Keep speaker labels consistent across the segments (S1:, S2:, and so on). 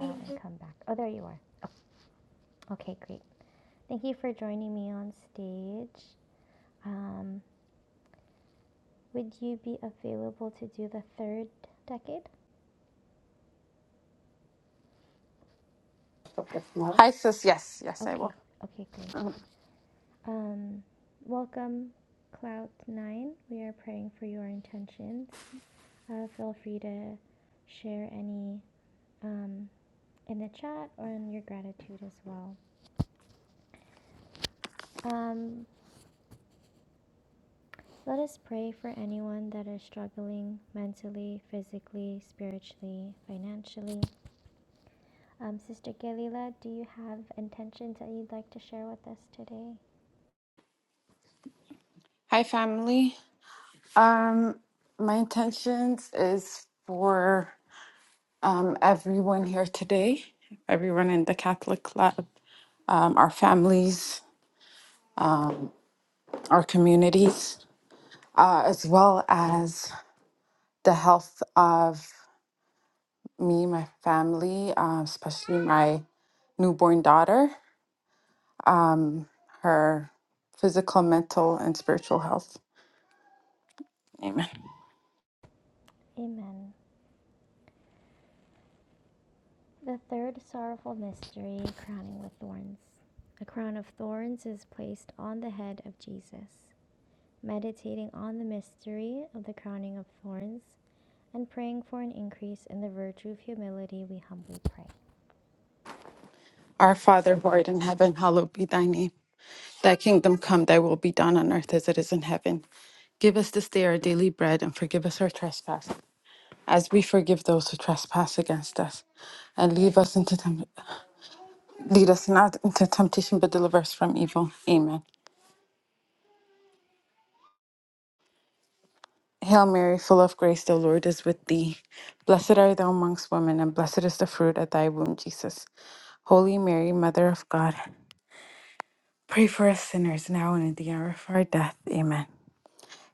S1: Hi, sis. Yes, yes, I will. Mhm. Hi, family. Um, my intentions is for um, everyone here today, everyone in the Catholic Club, um, our families, um, our communities, uh, as well as the health of me, my family, uh, especially my newborn daughter, um, her physical, mental, and spiritual health. Amen. Our Father who art in heaven, hallowed be thy name. Thy kingdom come, thy will be done on earth as it is in heaven. Give us this day our daily bread and forgive us our trespass, as we forgive those who trespass against us. And leave us into temp- lead us not into temptation, but deliver us from evil. Amen. Hail Mary, full of grace, the Lord is with thee. Blessed are thou amongst women, and blessed is the fruit of thy womb, Jesus. Holy Mary, Mother of God, pray for us sinners now and at the hour of our death. Amen.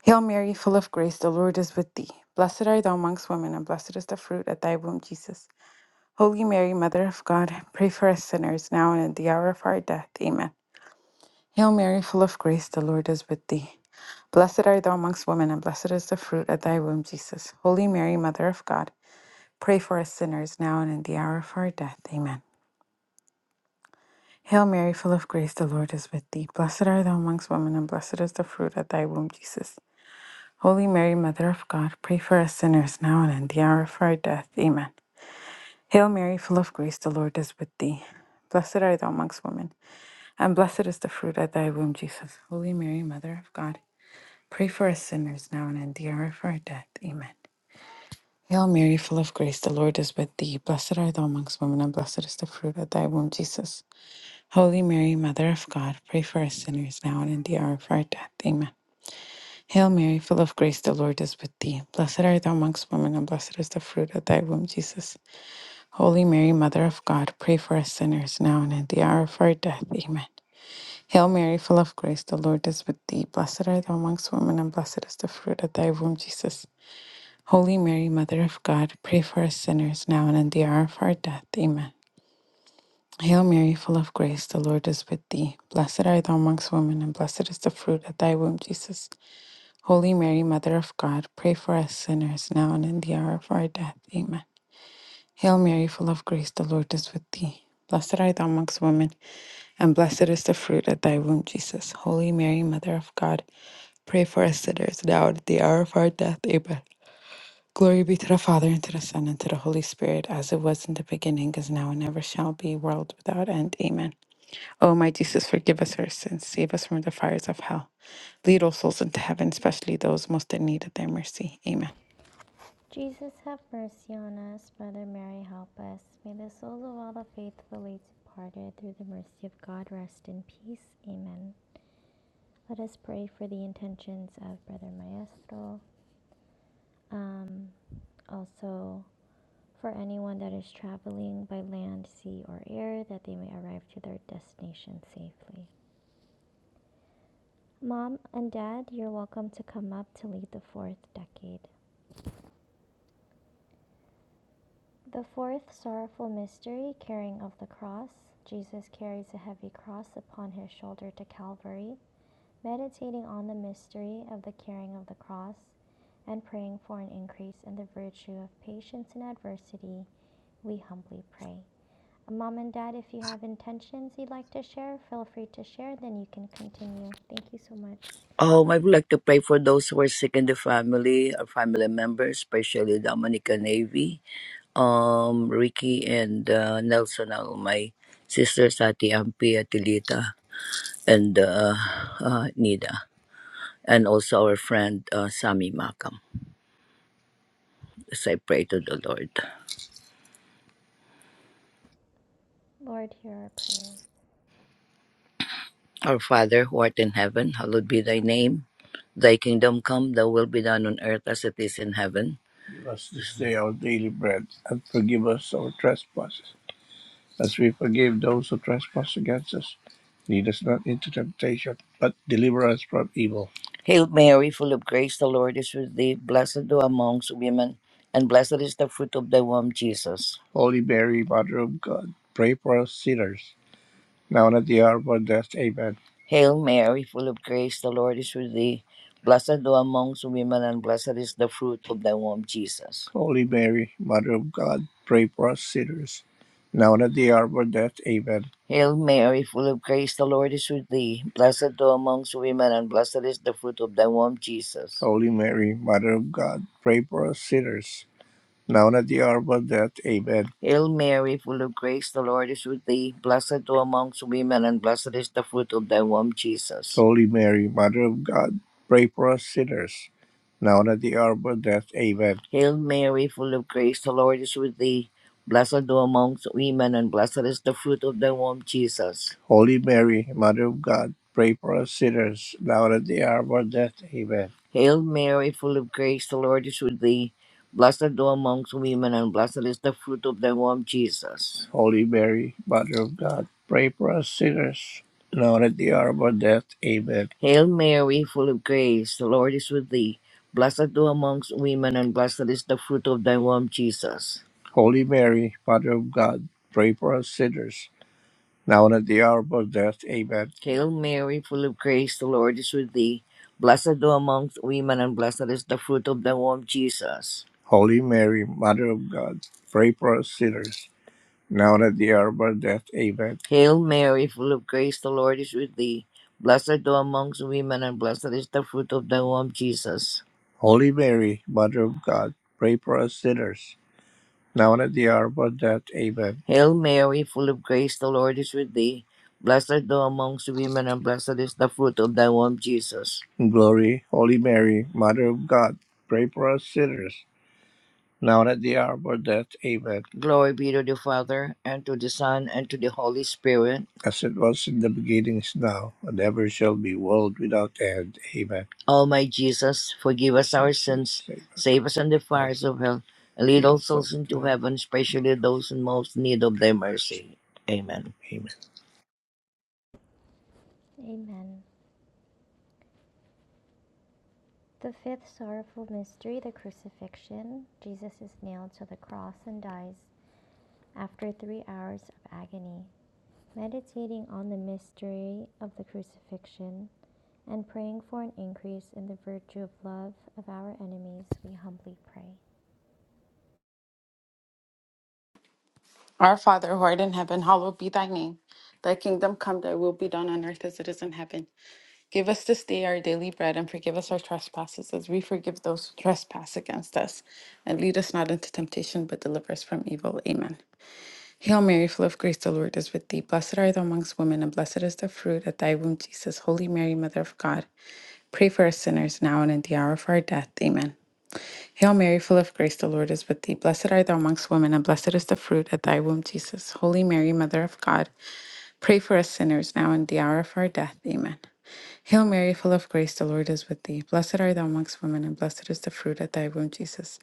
S1: Hail Mary, full of grace, the Lord is with thee. Blessed art thou amongst women, and blessed is the fruit of thy womb, Jesus. Holy Mary, Mother of God, pray for us sinners now and at the hour of our death. Amen. Hail Mary, full of grace, the Lord is with thee. Blessed art thou amongst women, and blessed is the fruit of thy womb, Jesus. Holy Mary, Mother of God, pray for us sinners now and in the hour of our death. Amen. Hail Mary, full of grace, the Lord is with thee. Blessed art thou amongst women, and blessed is the fruit of thy womb, Jesus. Holy Mary, Mother of God, pray for us sinners now and in the hour of our death. Amen. Hail Mary, full of grace, the Lord is with thee. Blessed art thou amongst women, and blessed is the fruit of thy womb, Jesus. Holy Mary, Mother of God, pray for us sinners now and in the hour of our death. Amen. Hail Mary, full of grace, the Lord is with thee. Blessed art thou amongst women, and blessed is the fruit of thy womb, Jesus. Holy Mary, Mother of God, pray for us sinners now and in the hour of our death. Amen. Hail Mary, full of grace, the Lord is with thee. Blessed art thou amongst women, and blessed is the fruit of thy womb, Jesus. Holy Mary, Mother of God, pray for us sinners now and at the hour of our death. Amen. Hail Mary, full of grace, the Lord is with thee. Blessed art thou amongst women, and blessed is the fruit of thy womb, Jesus. Holy Mary, Mother of God, pray for us sinners now and at the hour of our death. Amen. Hail Mary, full of grace, the Lord is with thee. Blessed art thou amongst women, and blessed is the fruit of thy womb, Jesus. Holy Mary, Mother of God, pray for us sinners now and in the hour of our death. Amen. Hail Mary, full of grace, the Lord is with thee. Blessed art thou amongst women, and blessed is the fruit of thy womb, Jesus. Holy Mary, Mother of God, pray for us sinners now and at the hour of our death. Amen. Glory be to the Father, and to the Son, and to the Holy Spirit, as it was in the beginning, is now, and ever shall be, world without end. Amen. O my Jesus, forgive us our sins, save us from the fires of hell. Lead all souls into heaven, especially those most in need of thy mercy. Amen.
S2: Um, I would like to pray for those who are sick in the family, our family members, especially Dominica Navy, um, Ricky and uh, Nelson, all my sisters, Ati Ampi, Atilita, and uh, uh, Nida, and also our friend uh, Sami Makam. As I pray to the Lord. Our Father who art in heaven, hallowed be thy name. Thy kingdom come, thy will be done on earth as it is in heaven. Give us this day our daily bread, and forgive us our trespasses, as we forgive those who trespass against us. Lead us not into temptation, but deliver us from evil. Hail Mary, full of grace, the Lord is with thee. Blessed thou amongst women, and blessed is the fruit of thy womb, Jesus. Holy Mary, Mother of God, pray for us sinners, now and at the hour of our death. Amen. Hail Mary, full of grace, the Lord is with thee. Blessed thou amongst women, and blessed is the fruit of thy womb, Jesus. Holy Mary, Mother of God, pray for us sinners, now and at the hour of our death. Amen. Hail Mary, full of grace, the Lord is with thee. Blessed thou amongst women, and blessed is the fruit of thy womb, Jesus. Holy Mary, Mother of God, pray for us sinners, now and at the hour of our death. Amen. Hail Mary, full of grace, the Lord is with thee. Blessed thou amongst women, and blessed is the fruit of thy womb, Jesus. Holy Mary, Mother of God, pray for us sinners, now and at the hour of our death. Amen. Hail Mary, full of grace, the Lord is with thee. Blessed thou amongst women, and blessed is the fruit of thy womb, Jesus. Holy Mary, Mother of God, pray for us sinners, now and at the hour of our death. Amen. Hail Mary, full of grace, the Lord is with thee. Blessed thou amongst women, and blessed is the fruit of thy womb, Jesus. Holy Mary, Mother of God, pray for us sinners, now and at the hour of our death. Amen. Hail Mary, full of grace, the Lord is with thee. Blessed thou amongst women, and blessed is the fruit of thy womb, Jesus. Holy Mary, Mother of God, pray for us sinners. Now and at the hour of our death. Amen. Hail Mary, full of grace, the Lord is with thee. Blessed are thou amongst women, and blessed is the fruit of thy womb, Jesus. Holy Mary, Mother of God, pray for us sinners, now and at the hour of our death. Amen. Hail Mary, full of grace, the Lord is with thee. Blessed art thou amongst women, and blessed is the fruit of thy womb, Jesus. Holy Mary, Mother of God, pray for us sinners now and at the hour of our death. Amen. Hail Mary, full of grace, the Lord is with thee. Blessed art thou amongst women, and blessed is the fruit of thy womb, Jesus. In glory, Holy Mary, Mother of God, pray for us sinners, now and at the hour of our death. Amen. Glory be to the Father, and to the Son, and to the Holy Spirit. As it was in the beginning, is now, and ever shall be, world without end. Amen. O my Jesus, forgive us our sins, Save us. save us from the fires of hell, and lead all souls into heaven. heaven, especially those in most need of thy mercy. Amen. Amen.
S1: Our Father who art in heaven, hallowed be thy name. Thy kingdom come, thy will be done on earth as it is in heaven. Give us this day our daily bread and forgive us our trespasses as we forgive those who trespass against us. And lead us not into temptation, but deliver us from evil. Amen. Hail Mary, full of grace, the Lord is with thee. Blessed art thou amongst women, and blessed is the fruit of thy womb, Jesus. Holy Mary, Mother of God, pray for us sinners now and at the hour of our death. Amen. Hail Mary, full of grace, the Lord is with thee. Blessed art thou amongst women, and blessed is the fruit of thy womb, Jesus. Holy Mary, Mother of God, pray for us sinners now and the hour of our death. Amen. Hail Mary, full of grace, the Lord is with thee. Blessed art thou amongst women, and blessed is the fruit of thy womb, Jesus.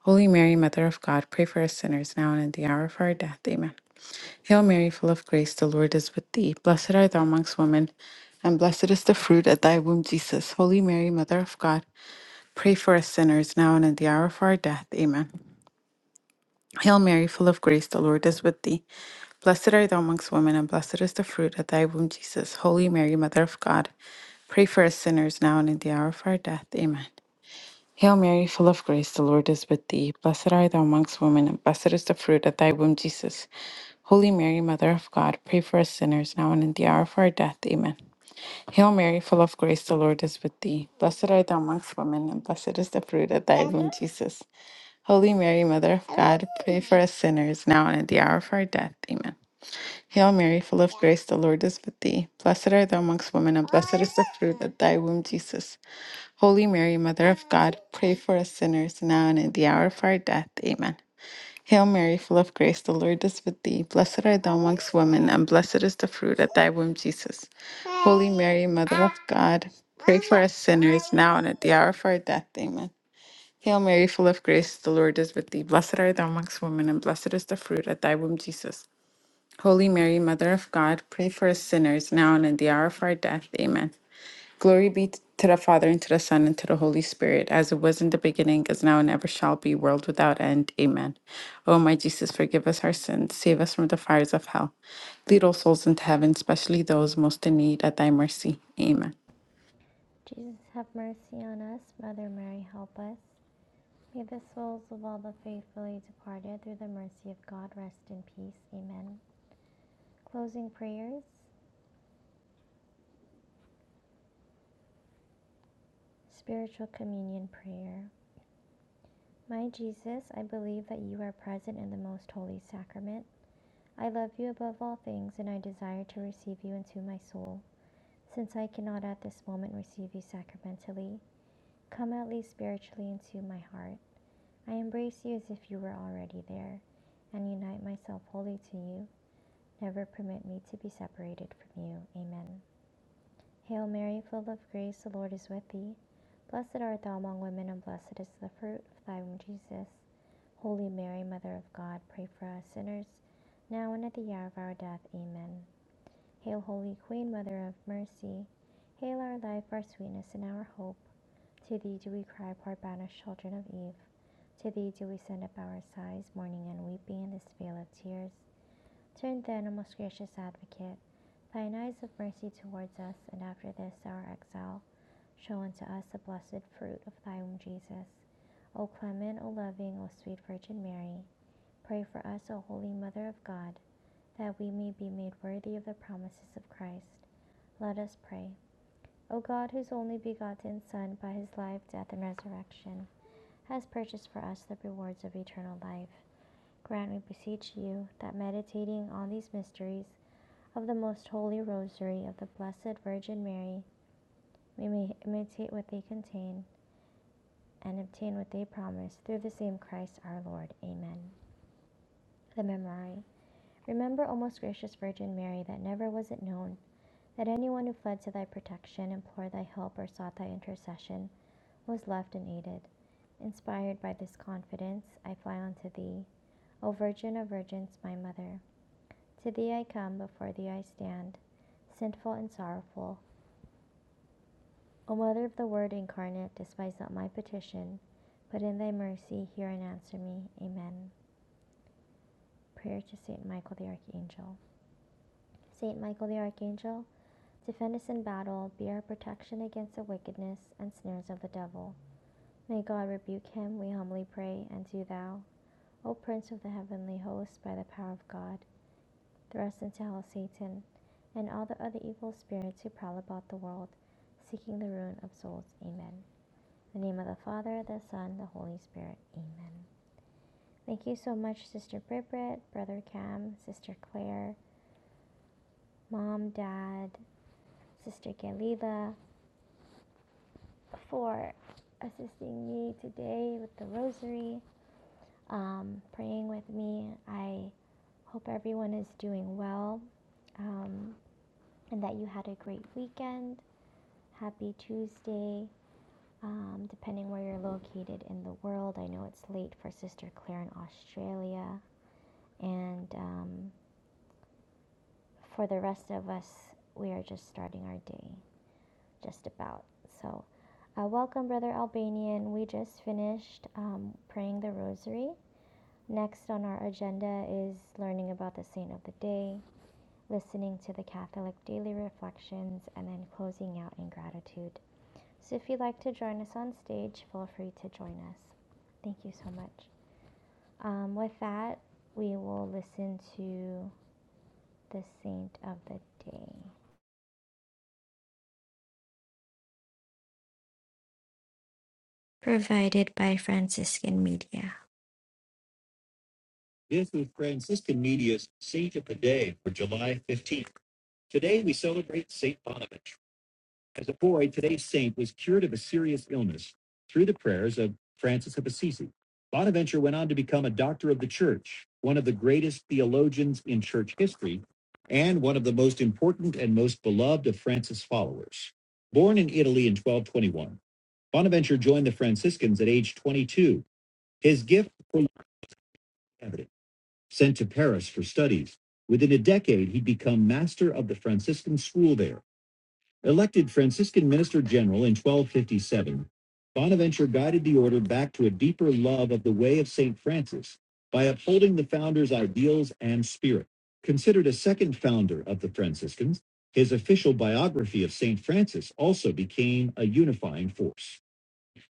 S1: Holy Mary, Mother of God, pray for us sinners now and in the hour of our death. Amen. Hail Mary, full of grace, the Lord is with thee. Blessed art thou amongst women, and blessed is the fruit of thy womb, Jesus. Holy Mary, Mother of God, pray for us sinners now and in the hour of our death. Amen. Hail Mary, full of grace, the Lord is with thee. Blessed art thou amongst women, and blessed is the fruit of thy womb, Jesus. Holy Mary, Mother of God, pray for us sinners now and in the hour of our death. Amen. Hail Mary, full of grace, the Lord is with thee. Blessed art thou amongst women, and blessed is the fruit of thy womb, Jesus. Holy Mary, Mother of God, pray for us sinners now and in the hour of our death. Amen. Hail Mary, full of grace, the Lord is with thee. Blessed art thou amongst women, and blessed is the fruit of thy womb, Jesus. Holy Mary, Mother of God, pray for us sinners now and at the hour of our death. Amen. Hail Mary, full of grace, the Lord is with thee. Blessed art thou amongst women, and blessed is the fruit of thy womb, Jesus. Holy Mary, Mother of God, pray for us sinners now and at the hour of our death. Amen. Hail Mary, full of grace, the Lord is with thee. Blessed art thou amongst women, and blessed is the fruit of thy womb, Jesus. Holy Mary, Mother of God, pray for us sinners now and at the hour of our death. Amen. Hail Mary, full of grace, the Lord is with thee. Blessed art thou amongst women, and blessed is the fruit of thy womb, Jesus. Holy Mary, Mother of God, pray for us sinners, now and in the hour of our death. Amen. Glory be to the Father, and to the Son, and to the Holy Spirit, as it was in the beginning, is now, and ever shall be, world without end. Amen. O my Jesus, forgive us our sins, save us from the fires of hell. Lead all souls into heaven, especially those most in need, at thy mercy. Amen.
S3: This is Franciscan Media's Saint of the Day for July 15th. Today we celebrate Saint Bonaventure. As a boy, today's saint was cured of a serious illness through the prayers of Francis of Assisi. Bonaventure went on to become a doctor of the church, one of the greatest theologians in church history, and one of the most important and most beloved of Francis' followers. Born in Italy in 1221, Bonaventure joined the Franciscans at age 22. His gift for evident. Sent to Paris for studies, within a decade he'd become master of the Franciscan school there. Elected Franciscan minister general in 1257, Bonaventure guided the order back to a deeper love of the way of St. Francis by upholding the founder's ideals and spirit. Considered a second founder of the Franciscans, his official biography of St. Francis also became a unifying force.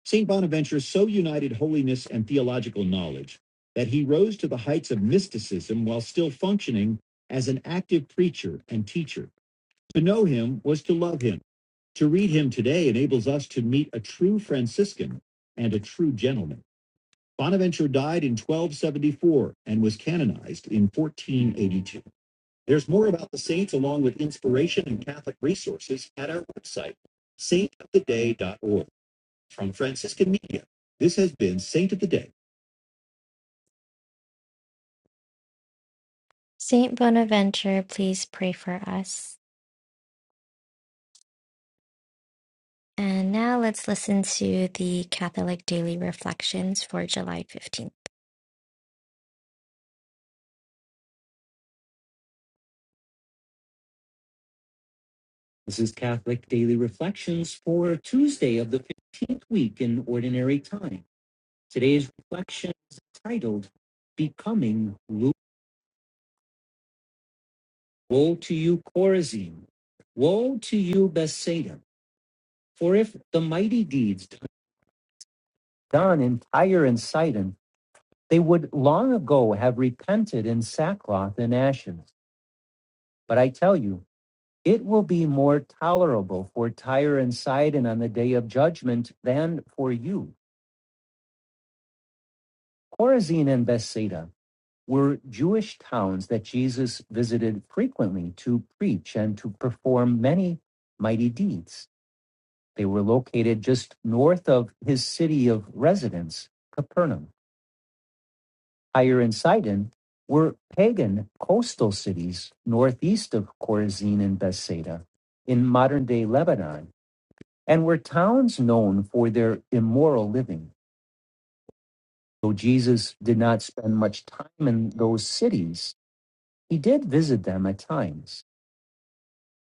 S3: St. Bonaventure so united holiness and theological knowledge that he rose to the heights of mysticism while still functioning as an active preacher and teacher. To know him was to love him. To read him today enables us to meet a true Franciscan and a true gentleman. Bonaventure died in 1274 and was canonized in 1482. There's more about the saints along with inspiration and Catholic resources at our website, saintoftheday.org from Franciscan Media. This has been Saint of the Day. This is Catholic Daily Reflections for Tuesday of the 15th week in Ordinary Time. Today's reflection is titled Becoming Luke. Woe to you, Chorazin! Woe to you, Bethsaida! For if the mighty deeds done in Tyre and Sidon, they would long ago have repented in sackcloth and ashes. But I tell you, It will be more tolerable for Tyre and Sidon on the day of judgment than for you. Chorazin and Bethsaida were Jewish towns that Jesus visited frequently to preach and to perform many mighty deeds. They were located just north of his city of residence, Capernaum. Tyre and Sidon were pagan coastal cities northeast of Chorazin and Bethsaida in modern day Lebanon And were towns known for their immoral living? Though Jesus did not spend much time in those cities, he did visit them at times.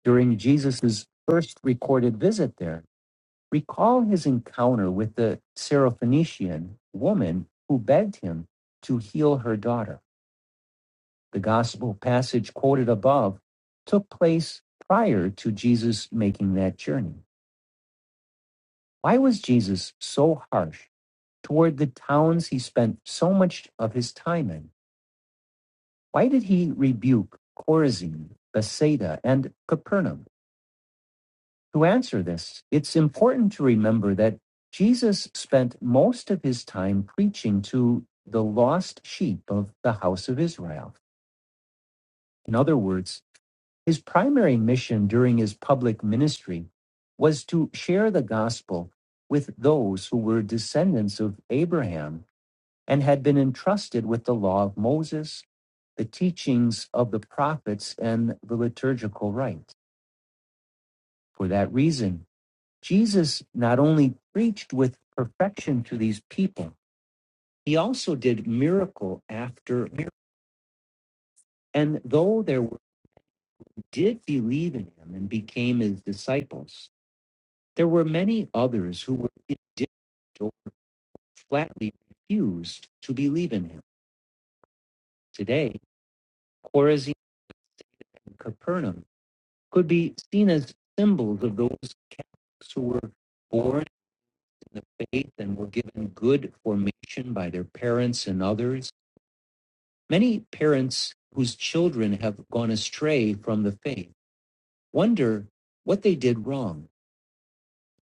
S3: During Jesus' first recorded visit there, recall his encounter with the Syrophoenician woman who begged him to heal her daughter. The gospel passage quoted above took place prior to Jesus making that journey. Why was Jesus so harsh? toward the towns he spent so much of his time in? Why did he rebuke Chorazin, Bethsaida, and Capernaum? To answer this, it's important to remember that Jesus spent most of his time preaching to the lost sheep of the house of Israel. In other words, his primary mission during his public ministry was to share the gospel with those who were descendants of Abraham and had been entrusted with the law of Moses, the teachings of the prophets, and the liturgical rites. For that reason, Jesus not only preached with perfection to these people, he also did miracle after miracle. And though there did believe in him and became his disciples, there were many others who were indifferent or flatly refused to believe in him. Today, Chorazin and Capernaum could be seen as symbols of those Catholics who were born in the faith and were given good formation by their parents and others. Many parents whose children have gone astray from the faith wonder what they did wrong.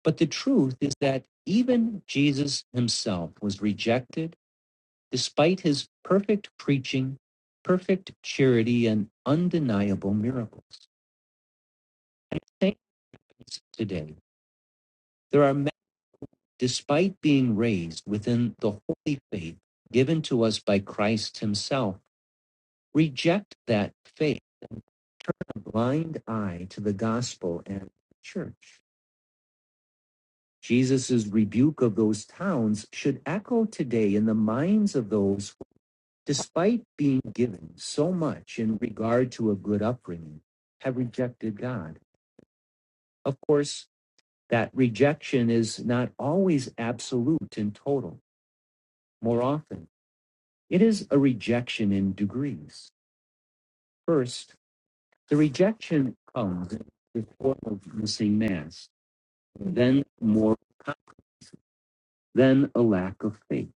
S3: But the truth is that even Jesus himself was rejected despite his perfect preaching, perfect charity, and undeniable miracles. Saints today, there are despite being raised within the holy faith given to us by Christ Himself, reject that faith, a blind eye to the gospel and the church. Jesus' rebuke of those towns should echo today in the minds of those who, despite being given so much in regard to a good upbringing, have rejected God. Of course, that rejection is not always absolute and total. More often, It is a rejection in degrees. First, the rejection comes in the form of missing mass, then more, then a lack of faith,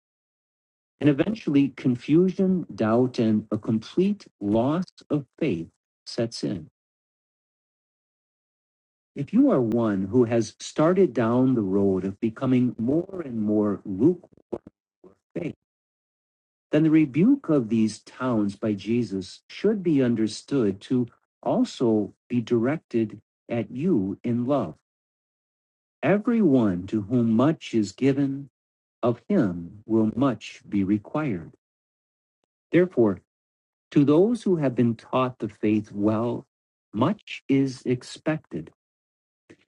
S3: and eventually confusion, doubt, and a complete loss of faith sets in. If you are one who has started down the road of becoming more and more lukewarm, then the rebuke of these towns by Jesus should be understood to also be directed at you in love. Everyone to whom much is given, of him will much be required. Therefore, to those who have been taught the faith well, much is expected.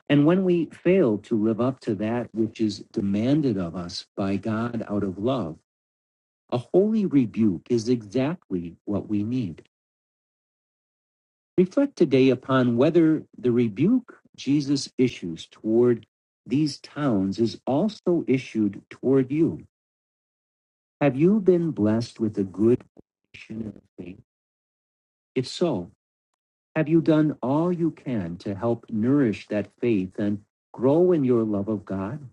S3: And when we fail to live up to that which is demanded of us by God out of love, a holy rebuke is exactly what we need. Reflect today upon whether the rebuke Jesus issues toward these towns is also issued toward you. Have you been blessed with a good portion of faith? If so, have you done all you can to help nourish that faith and grow in your love of God?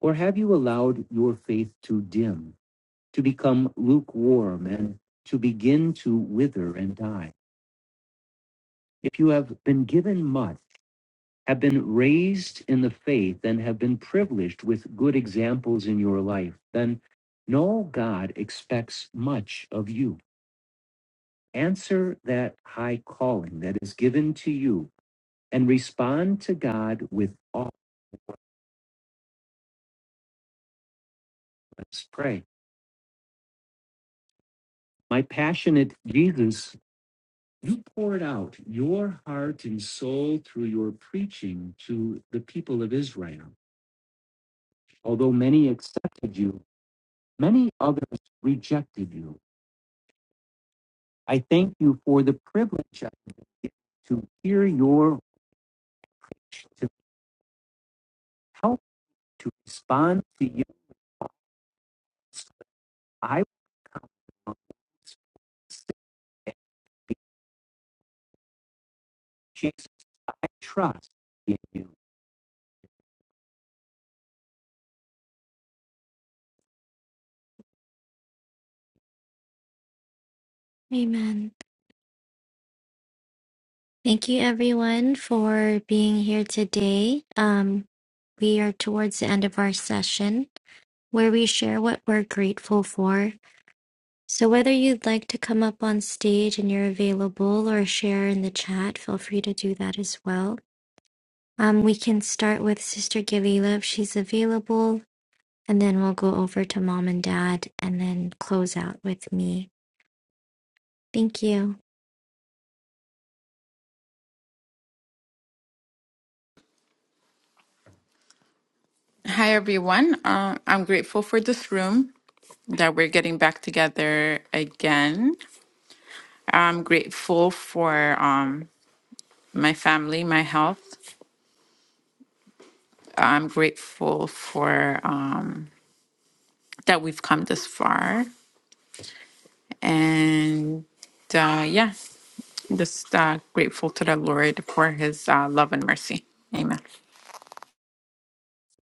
S3: Or have you allowed your faith to dim, to become lukewarm, and to begin to wither and die? If you have been given much, have been raised in the faith and have been privileged with good examples in your life, then know God expects much of you. Answer that high calling that is given to you and respond to God with all. Let's pray. My passionate Jesus, you poured out your heart and soul through your preaching to the people of Israel. Although many accepted you, many others rejected you. I thank you for the privilege I get to hear your wish to help to respond to you. I want to Jesus, I trust in you. Amen. Thank you, everyone, for being here today. Um, we are towards the end of our session where we share what we're grateful for. So, whether you'd like to come up on stage and you're available or share in the chat, feel free to do that as well. Um, we can start with Sister Galila if she's available, and then we'll go over to mom and dad and then close out with me. Thank you.
S1: Hi, everyone. Uh, I'm grateful for this room. that we're getting back together again. I'm grateful for um, my family, my health. I'm grateful for um, that we've come this far. And uh, yeah, just uh, grateful to the Lord for his uh, love and mercy. Amen.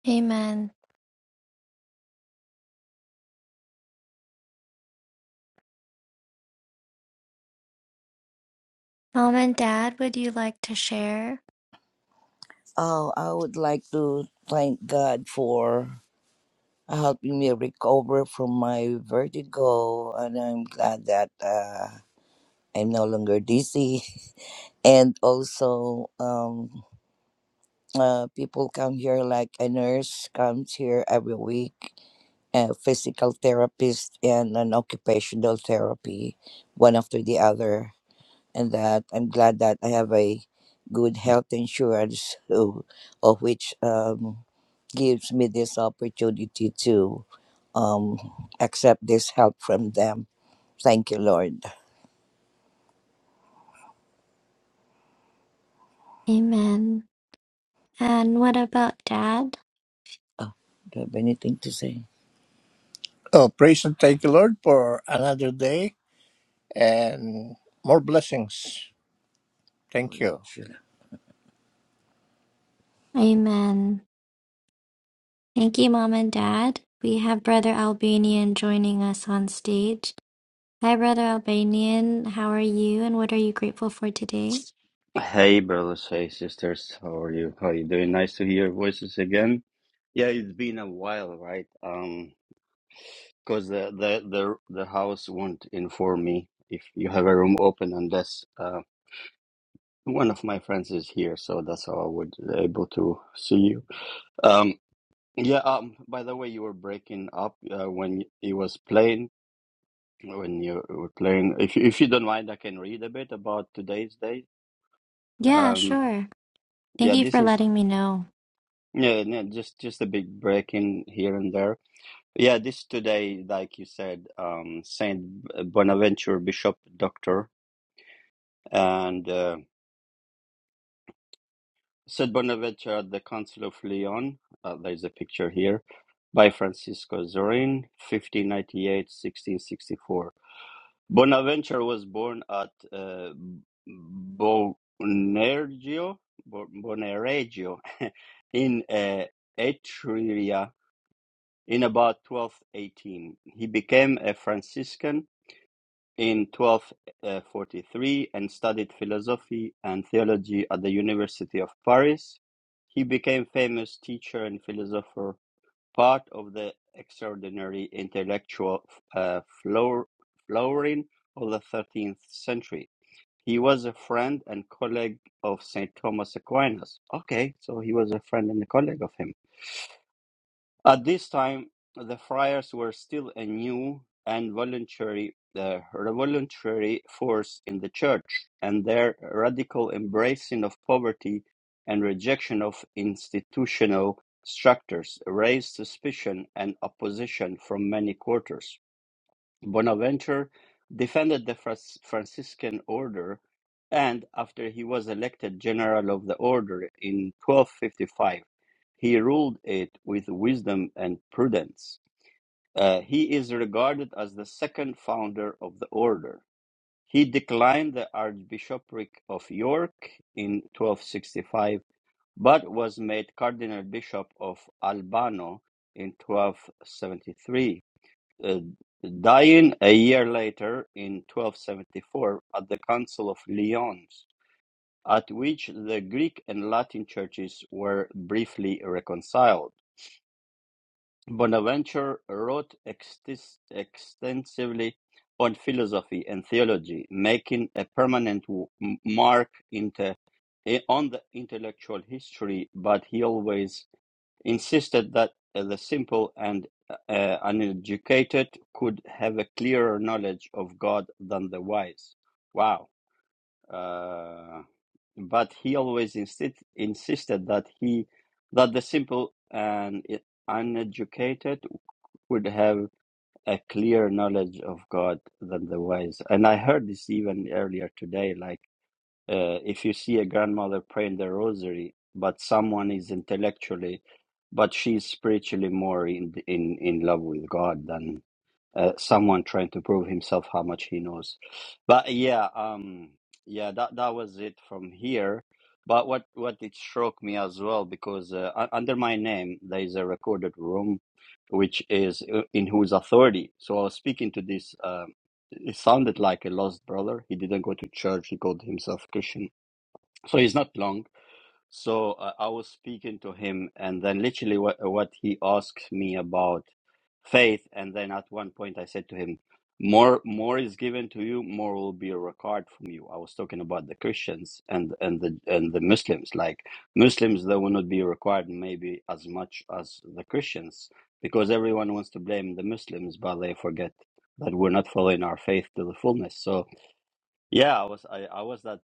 S3: Amen. Mom and dad, would you like to share?
S2: Oh, I would like to thank God for helping me recover from my vertigo, and I'm glad that. uh, I'm no longer dizzy. And also, um, uh, people come here, like a nurse comes here every week, a physical therapist, and an occupational therapy, one after the other. And that I'm glad that I have a good health insurance, who, of which um, gives me this opportunity to um, accept this help from them. Thank you, Lord.
S3: Amen. And what about dad?
S2: Do you have anything to say? Oh, praise and thank you, Lord, for another day and more blessings. Thank you.
S3: Amen. Thank you, mom and dad. We have Brother Albanian joining us on stage. Hi, Brother Albanian. How are you and what are you grateful for today?
S4: Hey, brothers. Hey, sisters. How are you? How are you doing? Nice to hear your voices again. Yeah, it's been a while, right? Um, because the, the the the house won't inform me if you have a room open unless uh one of my friends is here. So that's how I would uh, able to see you. Um, yeah. Um, by the way, you were breaking up uh, when it was playing. When you were playing, if you- if you don't mind, I can read a bit about today's day.
S3: Yeah,
S4: Um,
S3: sure. Thank
S4: yeah,
S3: you
S4: this
S3: for
S4: is.
S3: letting me know.
S4: Yeah, no, just just a big break in here and there. Yeah, this today, like you said, um, Saint Bonaventure, Bishop Doctor, and uh, Saint Bonaventure at the Council of Lyon. Uh, there's a picture here by Francisco Zorin, fifteen ninety eight sixteen sixty four. Bonaventure was born at uh, Bonareggio, Bo- Bonareggio in uh, Etruria in about 1218. He became a Franciscan in 1243 and studied philosophy and theology at the University of Paris. He became famous teacher and philosopher, part of the extraordinary intellectual uh, flowering of the 13th century. He was a friend and colleague of St. Thomas Aquinas. Okay, so he was a friend and a colleague of him at this time, the friars were still a new and voluntary uh, revolutionary force in the church, and their radical embracing of poverty and rejection of institutional structures raised suspicion and opposition from many quarters. Bonaventure defended the Fras- Franciscan order, and after he was elected general of the order in 1255, he ruled it with wisdom and prudence. Uh, he is regarded as the second founder of the order. He declined the Archbishopric of York in 1265, but was made Cardinal Bishop of Albano in 1273 uh, dying a year later in 1274 at the Council of Lyons, at which the Greek and Latin churches were briefly reconciled. Bonaventure wrote extis- extensively on philosophy and theology, making a permanent w- m- mark into, eh, on the intellectual history, but he always insisted that uh, the simple and uh, uh, uneducated could have a clearer knowledge of God than the wise. Wow. Uh, but he always insist- insisted that he that the simple and uh, uneducated would have a clearer knowledge of God than the wise. And I heard this even earlier today, like uh, if you see a grandmother praying the rosary, but someone is intellectually, but she's spiritually more in in in love with God than uh, someone trying to prove himself how much he knows. But yeah, um, yeah, that that was it from here. But what what it struck me as well because uh, u- under my name there is a recorded room, which is uh, in whose authority. So I was speaking to this. Um, it sounded like a lost brother. He didn't go to church. He called himself Christian. So he's not long so uh, I was speaking to him, and then literally what, what he asked me about faith, and then at one point I said to him, "More, more is given to you; more will be required from you." I was talking about the Christians and and the and the Muslims. Like Muslims, they will not be required maybe as much as the Christians because everyone wants to blame the Muslims, but they forget that we're not following our faith to the fullness. So yeah, I was I, I was that,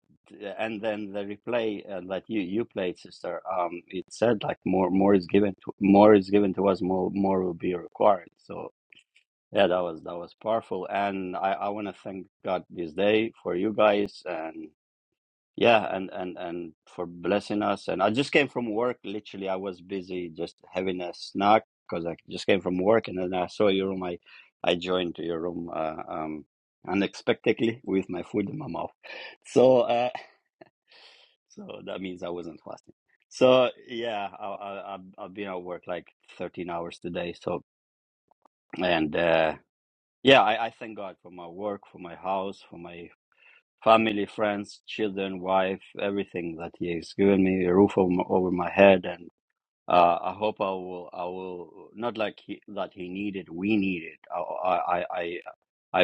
S4: and then the replay uh, that you you played, sister. Um, it said like more more is given to more is given to us, more more will be required. So yeah, that was that was powerful, and I I want to thank God this day for you guys and yeah, and and and for blessing us. And I just came from work. Literally, I was busy just having a snack because I just came from work, and then I saw your room. I I joined your room uh, um, unexpectedly with my food in my mouth. So uh, so that means I wasn't fasting. So yeah, I, I I've I've been at work like 13 hours today. So and uh, yeah, I, I thank God for my work, for my house, for my family, friends, children, wife, everything that He has given me, a roof over my, over my head, and uh, I hope I will. I will not like he, that He needed. We need it. I, I, I, I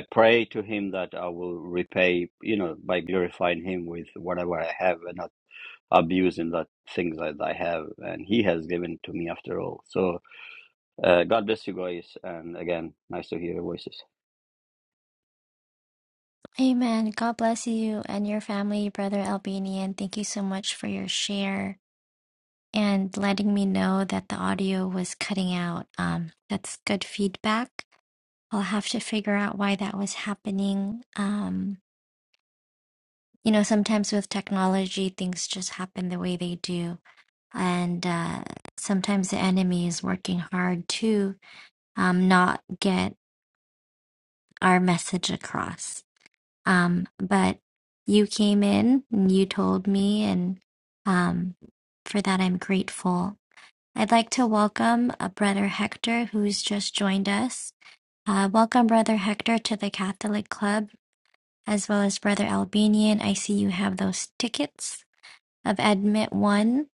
S4: pray to Him that I will repay. You know, by glorifying Him with whatever I have, and not abusing that things that I have, and He has given to me after all. So, uh, God bless you guys, and again, nice to hear your voices.
S3: Amen. God bless you and your family, Brother Albanian. Thank you so much for your share and letting me know that the audio was cutting out. Um, that's good feedback. I'll have to figure out why that was happening. Um, you know, sometimes with technology, things just happen the way they do. And uh, sometimes the enemy is working hard to um, not get our message across. Um, but you came in and you told me, and um, for that I'm grateful. I'd like to welcome uh, Brother Hector, who's just joined us. Uh, welcome, Brother Hector, to the Catholic Club, as well as Brother Albanian. I see you have those tickets of Admit One.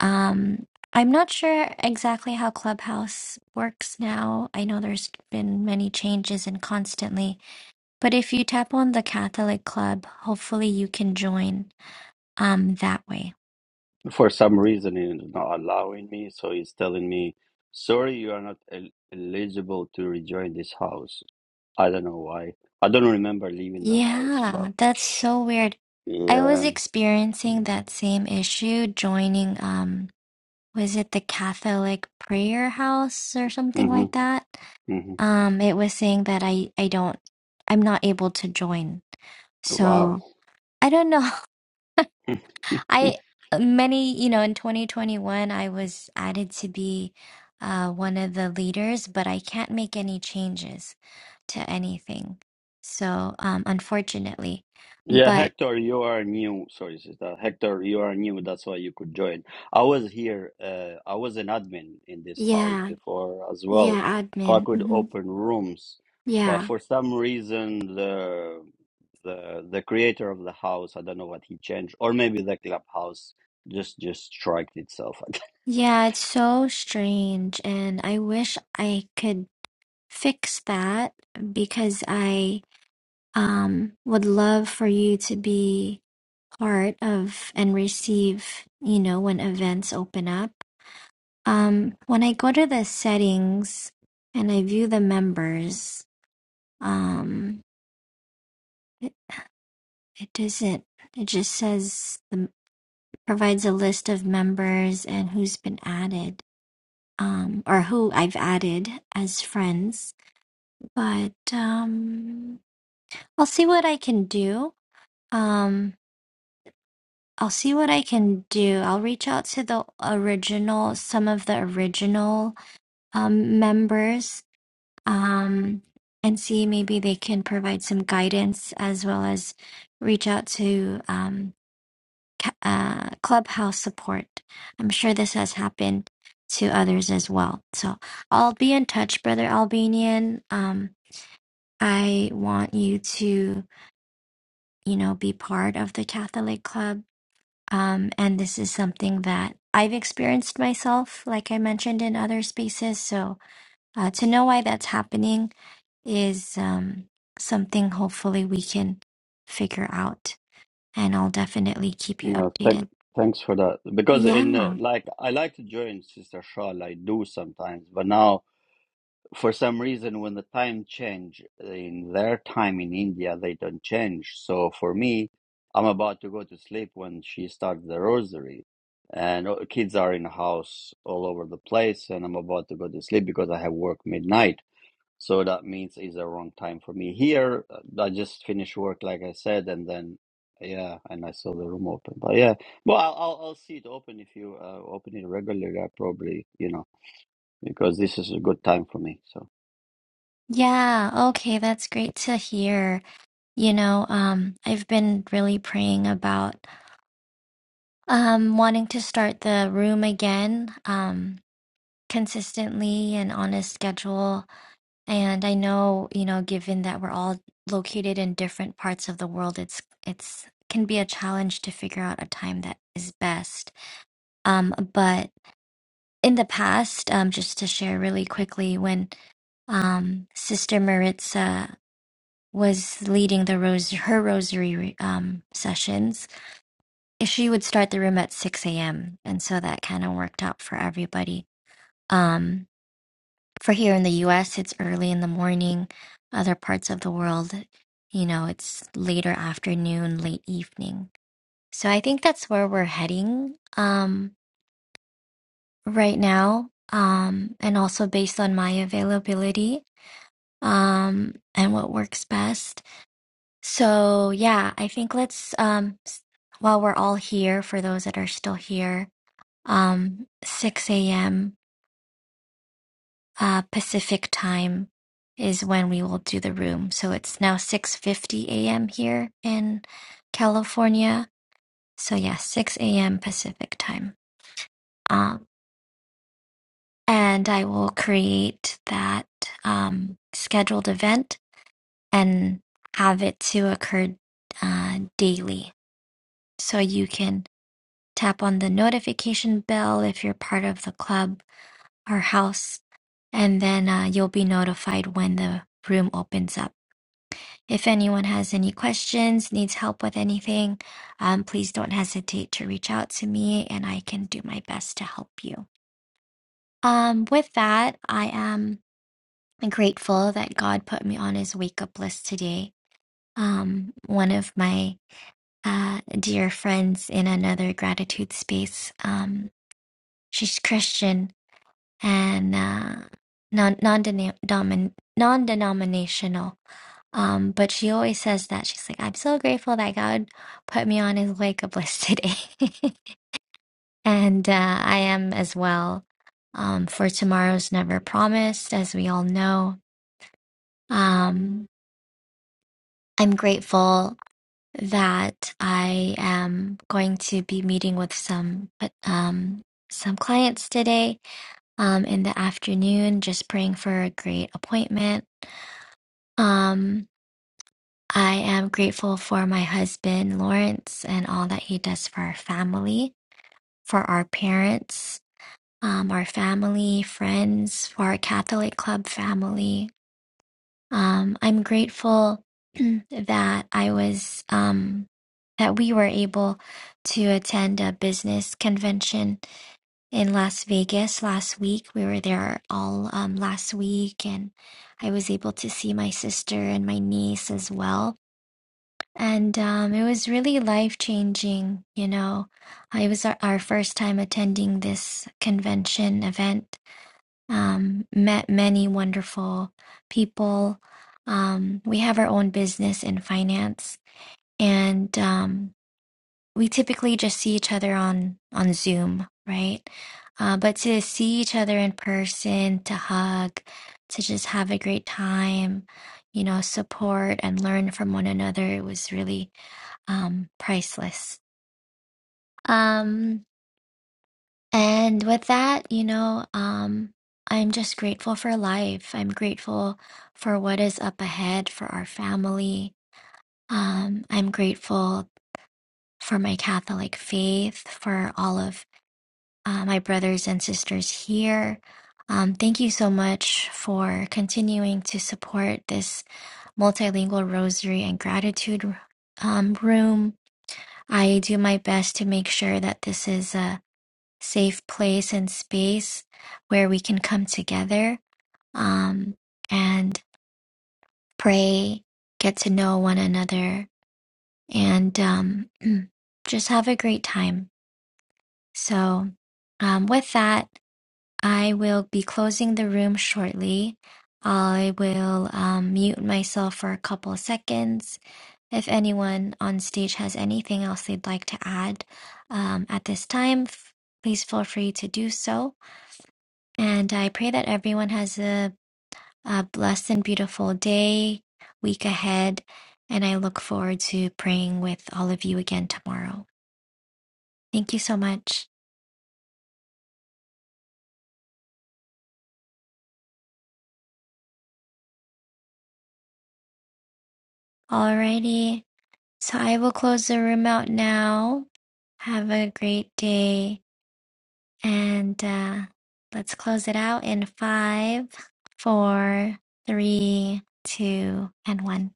S3: Um, I'm not sure exactly how Clubhouse works now. I know there's been many changes and constantly. But if you tap on the Catholic Club, hopefully you can join um that way.
S4: For some reason, it's not allowing me, so he's telling me, "Sorry, you are not el eligible to rejoin this house." I don't know why. I don't remember leaving the house, but
S3: Yeah, that's so weird. I was
S4: yeah.
S3: experiencing that same issue joining um was it the Catholic prayer house or something
S4: Mm-hmm,
S3: like that?
S4: hmm
S3: Um it was saying that I I don't I'm not able to join.
S4: Wow.
S3: So, I don't know. I many, you know, in 2021 I was added to be uh one of the leaders, but I can't make any changes. to anything. So, um, unfortunately,
S4: Yeah,
S3: but
S4: Hector, you are new. Sorry, sister. Hector, you are new. That's why you could join. I was here. Uh, I was an admin in this house
S3: yeah,
S4: before as well,
S3: yeah,
S4: so I
S3: admin.
S4: could
S3: hmm
S4: open rooms. But
S3: Yeah,
S4: for some reason, the the the creator of the house, I don't know what he changed, or maybe the clubhouse just just striked itself again.
S3: yeah, it's so strange, and I wish I could fix that because I um would love for you to be part of and receive, you know, when events open up. Um, when I go to the settings and I view the members, um, It doesn't. It just says the, provides a list of members and who's been added, um, or who I've added as friends. But um, I'll see what I can do. Um, I'll see what I can do. I'll reach out to the original, some of the original um, members, um, and see maybe they can provide some guidance as well as reach out to. Um, ca- uh, clubhouse support. I'm sure this has happened to others as well. So I'll be in touch, brother Albanian. Um, I want you to, you know, be part of the Catholic Club. Um, and this is something that I've experienced myself, like I mentioned in other spaces. So uh, to know why that's happening is um, something hopefully we can figure out. And I'll definitely keep you
S4: Uh, thank,
S3: updated.
S4: thanks for that. Because in uh,
S3: Yeah.
S4: like I like to join Sister Shawl. I do sometimes, but now. for some reason when the time change in their time in india they don't change so for me i'm about to go to sleep when she starts the rosary and oh, kids are in the house all over the place and i'm about to go to sleep because i have work midnight so that means it's a wrong time for me here uh, i just finished work like i said and then yeah and i saw the room open but yeah well i'll i'll, I'll see it open if you uh, open it regularly i probably you know because this is a good time for me so
S3: Yeah, okay, that's great to hear. You know, um, I've been really praying about um wanting to start the room again, um, consistently and on a schedule. And I know, you know, given that we're all located in different parts of the world, it's it's can be a challenge to figure out a time that is best. Um, but in the past, um, just to share really quickly, when um, Sister Maritza was leading the rose her rosary um, sessions. She would start the room at six a.m. and so that kind of worked out for everybody. Um, for here in the U.S., it's early in the morning. Other parts of the world, you know, it's later afternoon, late evening. So I think that's where we're heading um, right now, um, and also based on my availability um, and what works best. So yeah, I think let's um s- while we're all here, for those that are still here, um 6 a.m. uh Pacific time is when we will do the room. So it's now 6:50 a.m. here in California. So yeah, 6 a.m. Pacific time. Um and I will create that um scheduled event and have it to occur uh daily. So you can tap on the notification bell if you're part of the club or house, and then uh, you'll be notified when the room opens up. If anyone has any questions, needs help with anything, um, please don't hesitate to reach out to me and I can do my best to help you. Um, with that, I am grateful that God put me on his wake up list today. Um, one of my uh, dear friends in another gratitude space, um, she's Christian and uh, non non non denominational. Um, but she always says that she's like, I'm so grateful that God put me on His wake up list today, and uh, I am as well. Um, for tomorrow's never promised, as we all know. Um, I'm grateful that I am going to be meeting with some um some clients today um in the afternoon, just praying for a great appointment Um, I am grateful for my husband, Lawrence, and all that he does for our family, for our parents, um, our family, friends, for our Catholic Club family. Um, I'm grateful that I was, um, that we were able to attend a business convention in Las Vegas last week. We were there all um, last week, and I was able to see my sister and my niece as well And um, it was really life changing, you know. Uh, It was our, our first time attending this convention event. Um, met many wonderful people. Um, we have our own business in finance, and um, we typically just see each other on on Zoom, right? Uh, but to see each other in person, to hug, to just have a great time, you know, support and learn from one another, it was really um priceless um and with that you know um i'm just grateful for life i'm grateful for what is up ahead for our family um i'm grateful for my catholic faith for all of uh, my brothers and sisters here um, thank you so much for continuing to support this multilingual rosary and gratitude um, room. I do my best to make sure that this is a safe place and space where we can come together um, and pray, get to know one another, and um, just have a great time. So, um, with that, I will be closing the room shortly. I will um, mute myself for a couple seconds. If anyone on stage has anything else they'd like to add um, at this time, f- please feel free to do so. And I pray that everyone has a, a blessed and beautiful day, week ahead. And I look forward to praying with all of you again tomorrow. Thank you so much. Alrighty. So I will close the room out now. Have a great day. And uh, let's close it out in five, four, three, two, and one.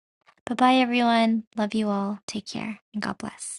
S3: Bye bye, everyone. Love you all. Take care and God bless.